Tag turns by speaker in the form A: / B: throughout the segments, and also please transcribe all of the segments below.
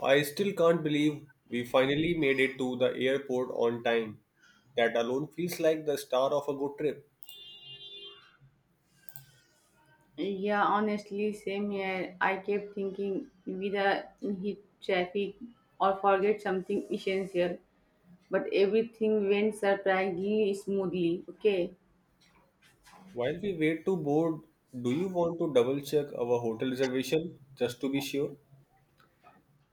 A: I still can't believe we finally made it to the airport on time. That alone feels like the star of a good trip.
B: Yeah, honestly, same here. I kept thinking whether hit traffic or forget something essential, but everything went surprisingly smoothly. Okay.
A: While we wait to board, do you want to double check our hotel reservation just to be sure?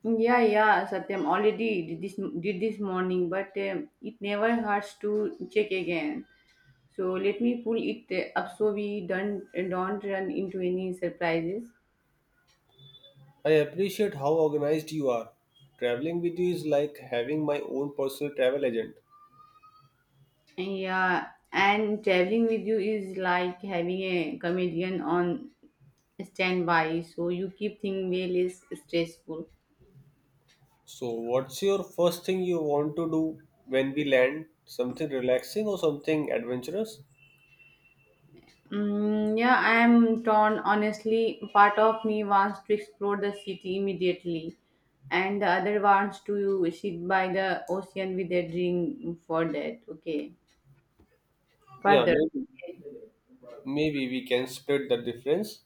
B: Yeah, yeah, Satyam already did this morning, but it never hurts to check again. So let me pull it up so we don't run into any surprises.
A: I appreciate how organized you are. Traveling with you is like having my own personal travel agent.
B: Yeah, and traveling with you is like having a comedian on stand by, so you keep things way less stressful.
A: So, what's your first thing you want to do when we land? Something relaxing or something adventurous?
B: Yeah, I am torn, honestly. Part of me wants to explore the city immediately and the other wants to sit by the ocean with a drink for that. Okay,
A: Yeah,
B: further.
A: maybe. Maybe we can split the difference,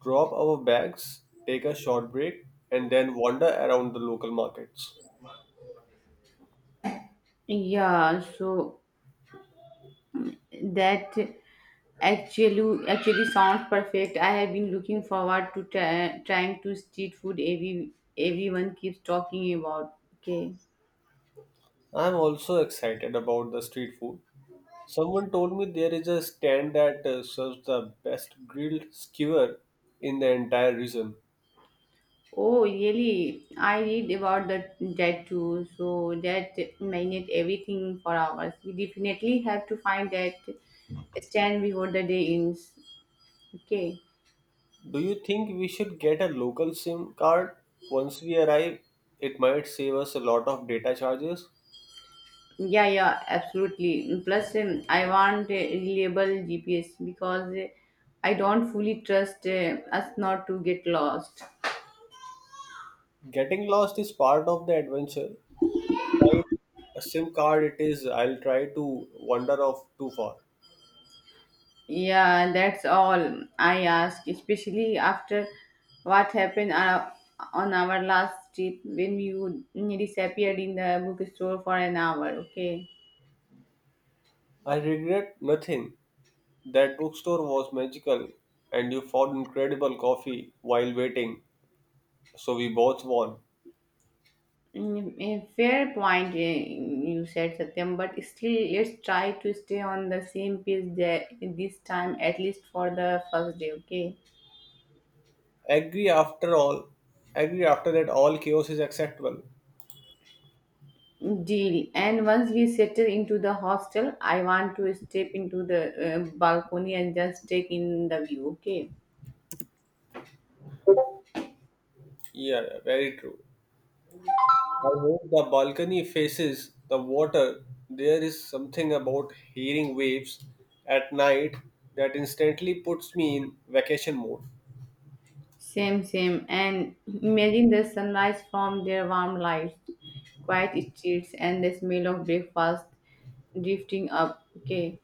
A: drop our bags, take a short break, and then wander around the local markets.
B: Yeah, so that actually sounds perfect. I have been looking forward to trying to street food every, everyone keeps talking about. Okay.
A: I'm also excited about the street food. Someone told me there is a stand that serves the best grilled skewer in the entire region.
B: Oh, really? I read about that too, so that minute everything for hours. We definitely have to find that stand before the day ends. Okay.
A: Do you think we should get a local SIM card once we arrive? It might save us a lot of data charges.
B: Yeah, yeah, absolutely. Plus, I want a reliable GPS because I don't fully trust us not to get lost.
A: Getting lost is part of the adventure, find a SIM card it is I'll try to wander off too far.
B: Yeah, that's all I ask, especially after what happened on our last trip when you disappeared in the bookstore for an hour. Okay.
A: I regret nothing. That bookstore was magical and you found incredible coffee while waiting, so we both won.
B: A fair point. You said Satyam, but still, let's try to stay on the same page there this time, at least for the first day, okay?
A: Agree after all agree after that all chaos is acceptable.
B: Deal. And once we settle into the hostel, I want to step into the balcony and just take in the view, okay?
A: Yeah, yeah, very true. I hope the balcony faces the water. There is something about hearing waves at night that instantly puts me in vacation mode.
B: Same, same. And imagine the sunrise from their warm lights, quiet streets, and the smell of breakfast drifting up. Okay,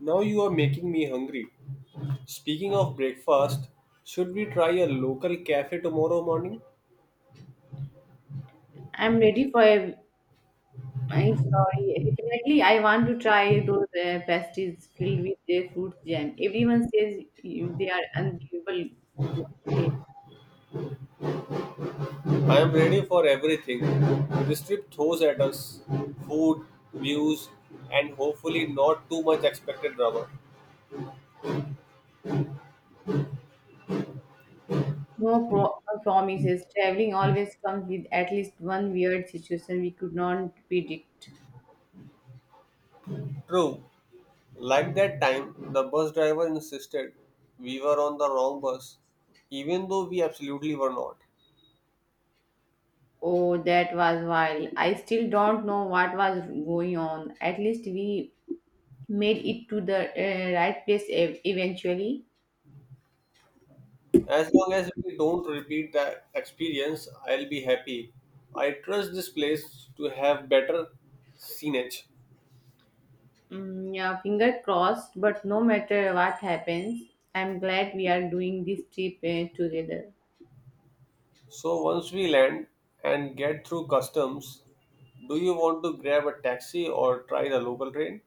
A: Now you are making me hungry. Speaking of breakfast, should we try a local cafe tomorrow morning?
B: I'm ready for a my story. Definitely, I want to try those pastries filled with their fruit jam. Everyone says they are unbelievable good. Okay.
A: I am ready for everything this trip throws at us food, views, and hopefully not too much expected drama.
B: No promises. Traveling always comes with at least one weird situation we could not predict.
A: True, like that time, the bus driver insisted we were on the wrong bus, even though we absolutely were not.
B: Oh, that was wild. I still don't know what was going on. At least we made it to the right place, eventually.
A: As long as we don't repeat that experience, I'll be happy. I trust this place to have better scenage.
B: Yeah, finger crossed, but no matter what happens, I'm glad we are doing this trip together.
A: So once we land and get through customs, do you want to grab a taxi or try the local train?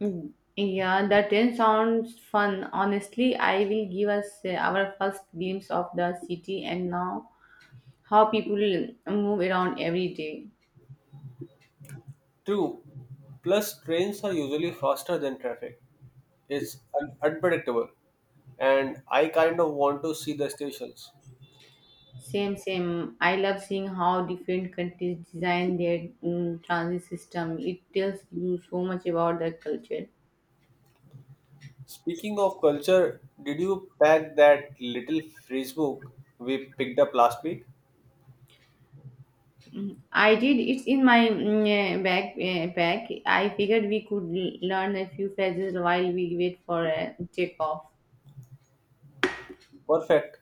B: Yeah, the train sounds fun. Honestly, I will give us our first glimpse of the city and now how people move around every day.
A: True. Plus, trains are usually faster than traffic. It's unpredictable, and I kind of want to see the stations.
B: Same, same. I love seeing how different countries design their transit system. It tells you so much about their culture.
A: Speaking of culture, did you pack that little phrase book we picked up last week?
B: I did. It's in my back pack. I figured we could learn a few phrases while we wait for a takeoff.
A: Perfect.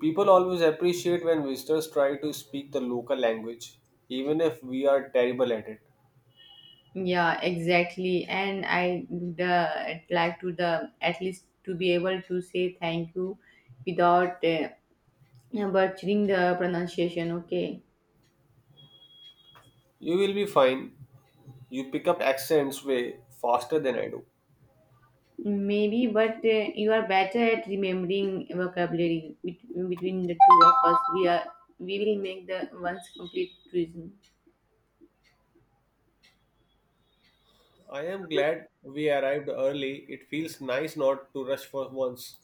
A: People always appreciate when visitors try to speak the local language, even if we are terrible at it.
B: Yeah, exactly. And I the like to the at least to be able to say thank you without butchering the pronunciation. Okay.
A: You will be fine. You pick up accents way faster than I do.
B: Maybe, but you are better at remembering vocabulary, between the two of us. We are we will make the once complete reason.
A: I am glad we arrived early. It feels nice not to rush for once.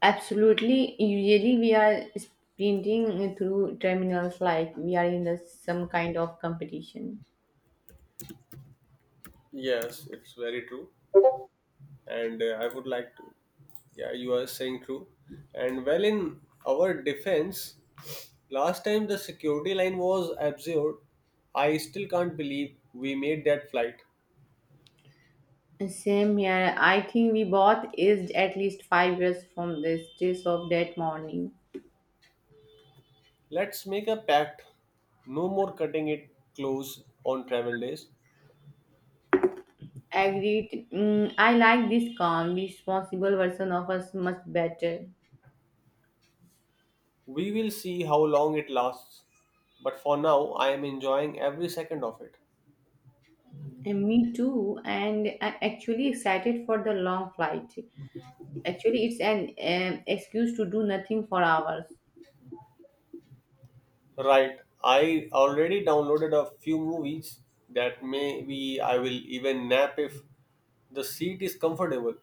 B: Absolutely. Usually, we are sprinting through terminals like we are in the, some kind of competition.
A: Yes, it's very true. And I would like to. Yeah, you are saying true. And well, in our defense, last time the security line was absurd. I still can't believe we made that flight.
B: Same here. I think we both aged at least 5 years from the stress of that morning.
A: Let's make a pact. No more cutting it close on travel days.
B: Agreed. I like this calm, responsible version of us much better.
A: We will see how long it lasts, but for now, I am enjoying every second of it.
B: And me too, and I'm actually excited for the long flight. Actually, it's an excuse to do nothing for hours.
A: Right, I already downloaded a few movies that maybe I will even nap if the seat is comfortable.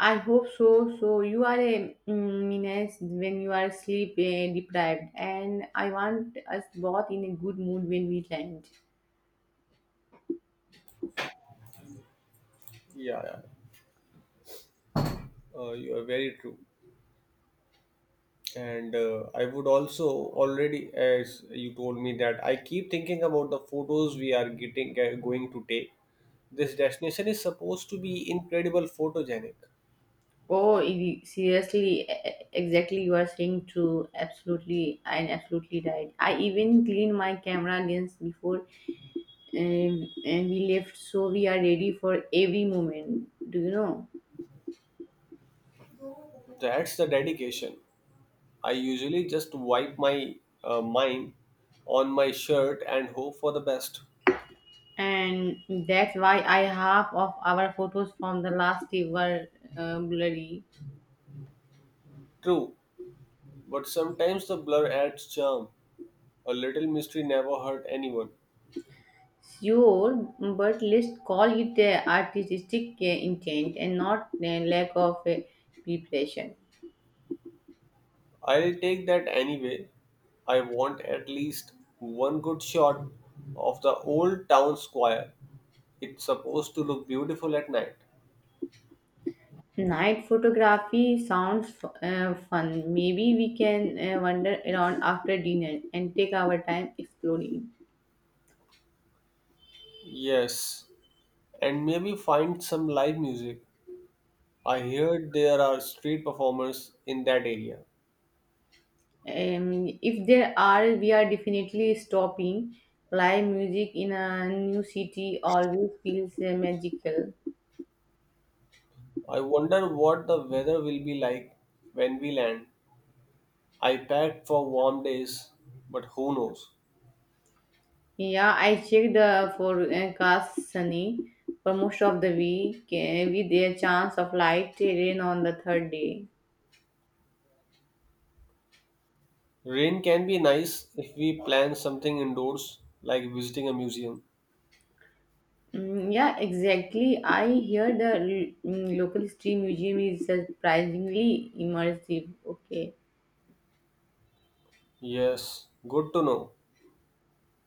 B: I hope so. So you are a menace when you are sleep deprived, and I want us both in a good mood when we land.
A: Yeah, yeah, you are very true. And I would also already, as you told me, that I keep thinking about the photos we are getting going to take. This destination is supposed to be incredible photogenic.
B: Oh, seriously, exactly. You are saying true. Absolutely, and absolutely right. I even clean my camera lens before and we left, so we are ready for every moment, do you know?
A: That's the dedication. I usually just wipe my mind on my shirt and hope for the best.
B: And that's why I half of our photos from the last day were blurry.
A: True, but sometimes the blur adds charm. A little mystery never hurt anyone.
B: Sure, but let's call it artistic intent and not lack of preparation.
A: I'll take that anyway. I want at least one good shot of the old town square. It's supposed to look beautiful at night.
B: Night photography sounds fun. Maybe we can wander around after dinner and take our time exploring.
A: Yes, and maybe find some live music. I heard there are street performers in that area.
B: If there are, we are definitely stopping. Live music in a new city always feels magical.
A: I wonder what the weather will be like when we land. I packed for warm days, but who knows?
B: Yeah, I checked the forecast, sunny for most of the week with a chance of light rain on the third day.
A: Rain can be nice if we plan something indoors, like visiting a museum.
B: Yeah, exactly. I hear the local history museum is surprisingly immersive. Okay,
A: Yes, good to know.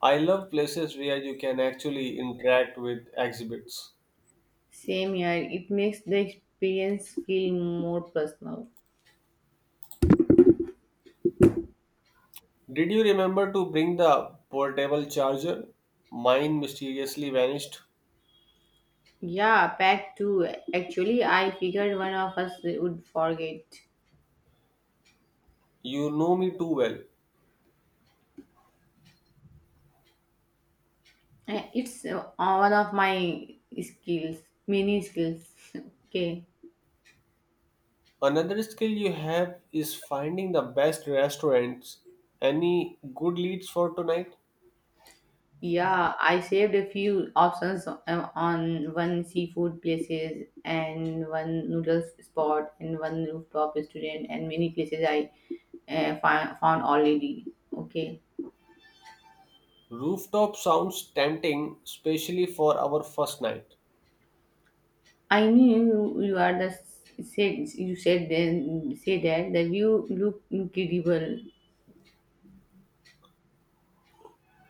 A: I love places where you can actually interact with exhibits.
B: same here. It makes the experience feel more personal.
A: Did you remember to bring the portable charger? Mine mysteriously vanished.
B: Yeah, pack two. Actually, I figured one of us would forget.
A: You know me too well.
B: It's one of my skills, many skills. Okay.
A: Another skill you have is finding the best restaurants. Any good leads for tonight?
B: Yeah, I saved a few options, on one seafood places and one noodles spot and one rooftop restaurant and many places I found already. Okay.
A: Rooftop sounds tempting, especially for our first night.
B: I knew you are the said you said then say that the view look incredible.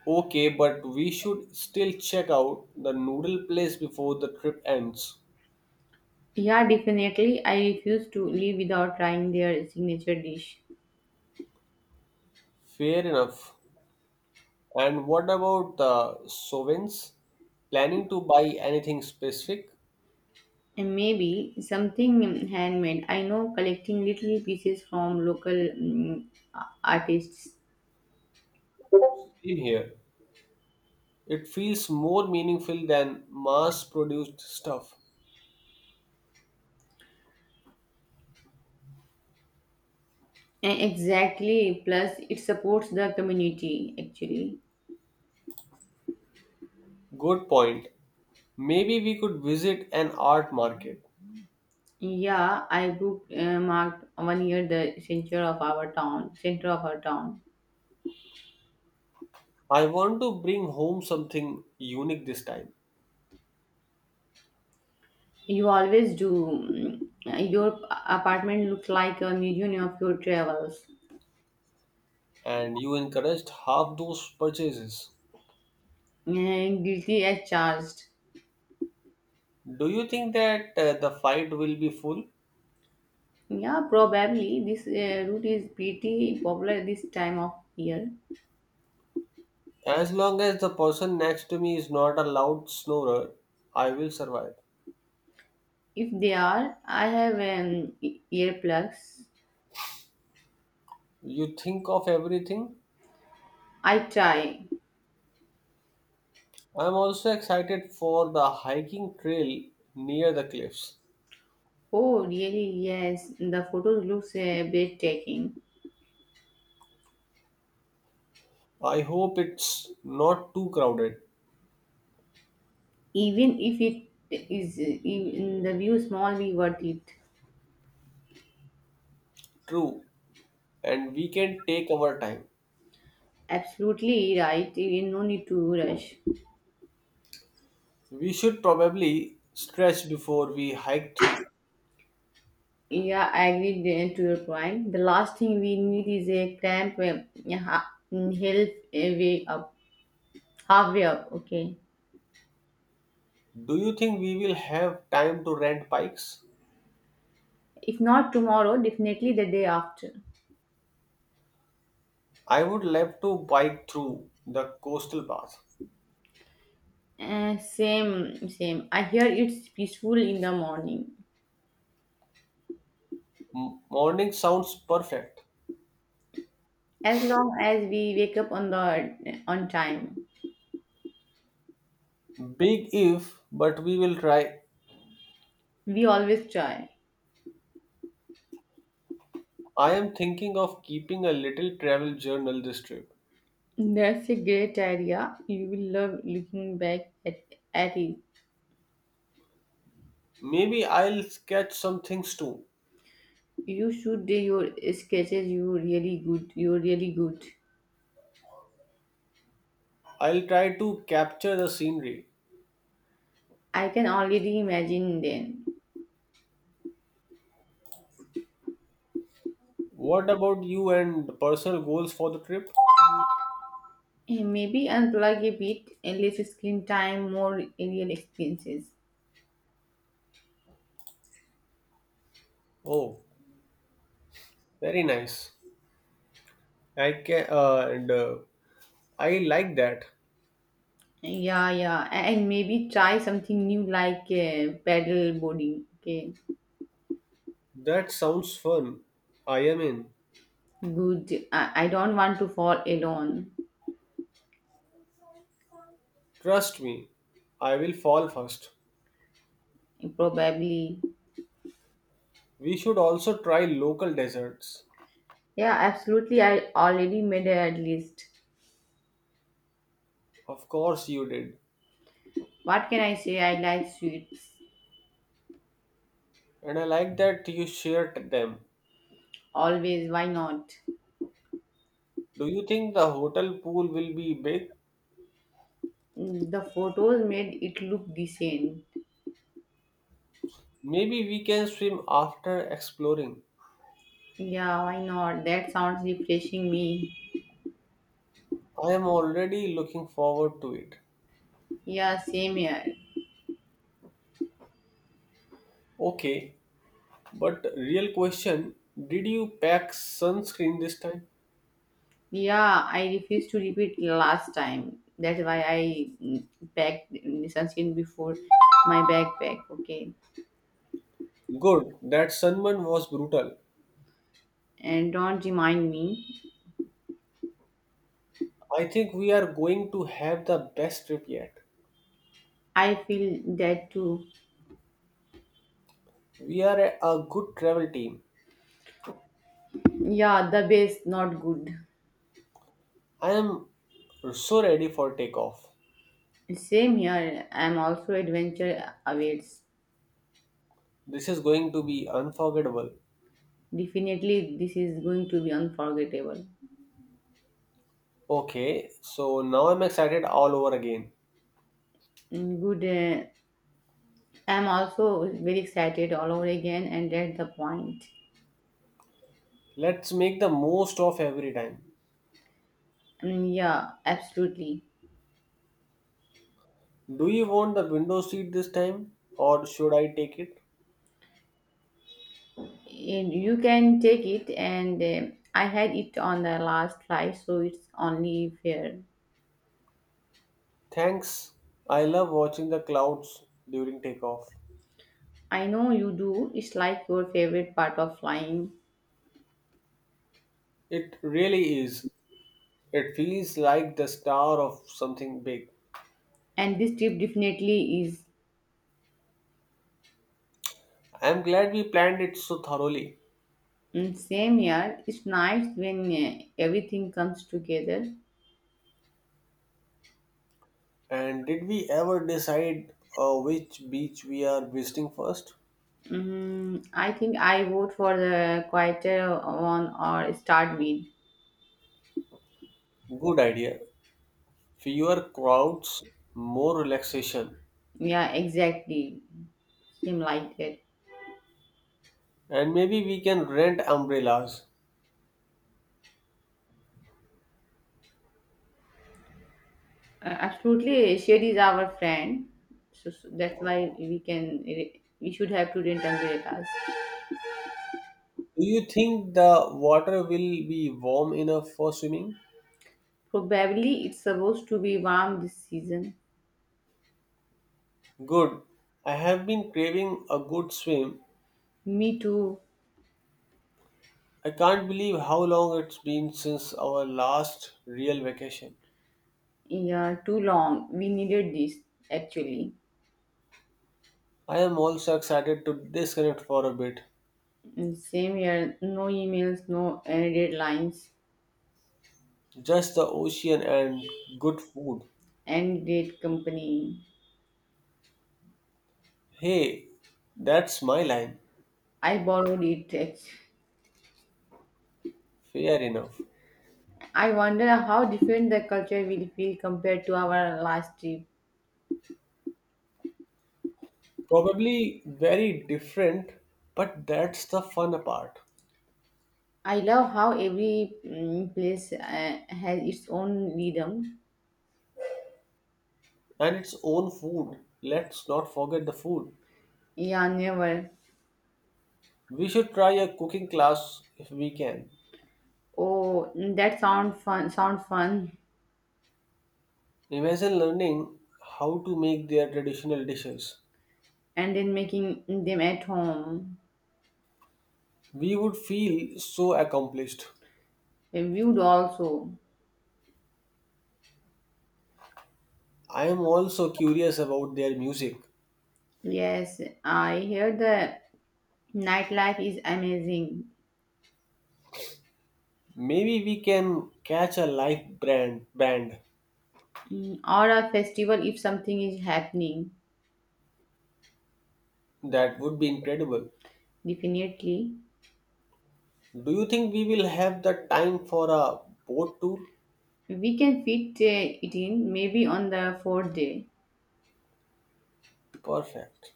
A: Okay, but we should still check out the noodle place before the trip ends.
B: Yeah, definitely. I refuse to leave without trying their signature dish.
A: Fair enough. And what about the sovereigns? Planning to buy anything specific?
B: And maybe something handmade. I know collecting little pieces from local artists.
A: Same here. It feels more meaningful than mass produced stuff.
B: Exactly. Plus, it supports the community actually.
A: Good point. Maybe we could visit an art market.
B: Yeah, I booked marked one year the center of our town. Center of our town.
A: I want to bring home something unique this time,
B: You always do. Your apartment looks like a museum of your travels.
A: and you encouraged half those purchases.
B: And guilty as charged.
A: Do you think that the fight will be full?
B: Yeah, probably this route is pretty popular this time of year.
A: As long as the person next to me is not a loud snorer, I will survive.
B: If they are, I have earplugs.
A: You think of everything?
B: I try.
A: I'm also excited for the hiking trail near the cliffs.
B: Oh, really? Yes, the photo looks breathtaking.
A: I hope it's not too crowded.
B: Even if it is in the view small, be worth it.
A: True, and we can take our time.
B: Absolutely right. You no need to rush.
A: We should probably stretch before we hike through.
B: Yeah, I agree to your point. The last thing we need is a cramp yeah, hill way up, halfway up. Okay.
A: Do you think we will have time to rent bikes?
B: If not tomorrow, definitely the day after.
A: I would love to bike through the coastal path.
B: Same, same. I hear it's peaceful in the morning.
A: Morning sounds perfect.
B: As long as we wake up on time,
A: Big if, but we will try.
B: we always try.
A: I am thinking of keeping a little travel journal this trip.
B: That's a great idea. You will love looking back at it.
A: Maybe I'll sketch some things too.
B: You should do your sketches. You're really good. You're really good.
A: I'll try to capture the scenery.
B: I can already imagine then.
A: What about you and personal goals for the trip?
B: Maybe unplug a bit and less screen time, more real experiences.
A: Oh, very nice. I can and I like that.
B: Yeah, yeah, and maybe try something new like paddle boarding. Okay,
A: That sounds fun. I am in.
B: good. I don't want to fall alone.
A: Trust me, I will fall first.
B: Probably.
A: We should also try local desserts.
B: Yeah, absolutely. I already made a list.
A: Of course you did.
B: What can I say? I like sweets.
A: And I like that you shared them.
B: Always. Why not?
A: Do you think the hotel pool will be big?
B: The photos made it look decent.
A: Maybe we can swim after exploring.
B: Yeah, why not? That sounds refreshing me.
A: I am already looking forward to it.
B: Yeah, same here.
A: Okay, but real question, did you pack sunscreen this time?
B: Yeah, I refused to repeat last time. That's why I packed the sunscreen before my backpack. Okay,
A: Good. That sunburn was brutal.
B: and don't remind me.
A: I think we are going to have the best trip yet.
B: I feel that too.
A: We are a good travel team.
B: Yeah, the base not good.
A: I am so ready for takeoff.
B: Same here. I'm also adventure awaits.
A: This is going to be unforgettable.
B: Definitely, this is going to be unforgettable.
A: Okay, so now I'm excited all over again.
B: Good. I'm also very excited all over again, and that's the point.
A: Let's make the most of every time.
B: Yeah, absolutely.
A: Do you want the window seat this time or should I take it?
B: And you can take it, and I had it on the last flight, so it's only fair.
A: Thanks. I love watching the clouds during takeoff.
B: I know you do. It's like your favorite part of flying,
A: It really is. It feels like the star of something big.
B: and this trip definitely is.
A: I'm glad we planned it so thoroughly.
B: Same here. It's nice when everything comes together.
A: And did we ever decide which beach we are visiting first?
B: I think I vote for the quieter one or start mid.
A: Good idea. Fewer crowds, more relaxation.
B: Yeah, exactly. Same like that.
A: And maybe we can rent umbrellas.
B: Absolutely, Shed is our friend, so that's why we can we should have to prudent umbrellas.
A: Do you think the water will be warm enough for swimming?
B: Probably it's supposed to be warm this season.
A: Good. I have been craving a good swim.
B: Me too.
A: I can't believe how long it's been since our last real vacation.
B: Yeah, too long. We needed this actually.
A: I am also excited to disconnect for a bit.
B: And same here. No emails, no end deadlines,
A: Just the ocean and good food.
B: end date company.
A: Hey, that's my line.
B: I borrowed it.
A: Fair enough.
B: I wonder how different the culture will feel compared to our last trip.
A: Probably very different, but that's the fun part.
B: I love how every place has its own rhythm.
A: And its own food. Let's not forget the food.
B: Yeah, never.
A: We should try a cooking class if we can.
B: Oh, that sound fun. Sound fun.
A: Imagine learning how to make their traditional dishes.
B: And then making them at home.
A: We would feel so accomplished.
B: Viewed also.
A: I am also curious about their music.
B: Yes, I hear the nightlife is amazing.
A: Maybe we can catch a live brand band.
B: Or a festival if something is happening.
A: That would be incredible.
B: Definitely,
A: Do you think we will have the time for a boat tour?
B: we can fit it in maybe on the fourth day.
A: Perfect.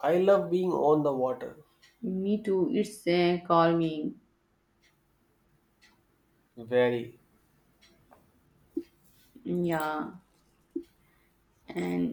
A: I love being on the water.
B: Me too. It's calming.
A: Very.
B: Yeah and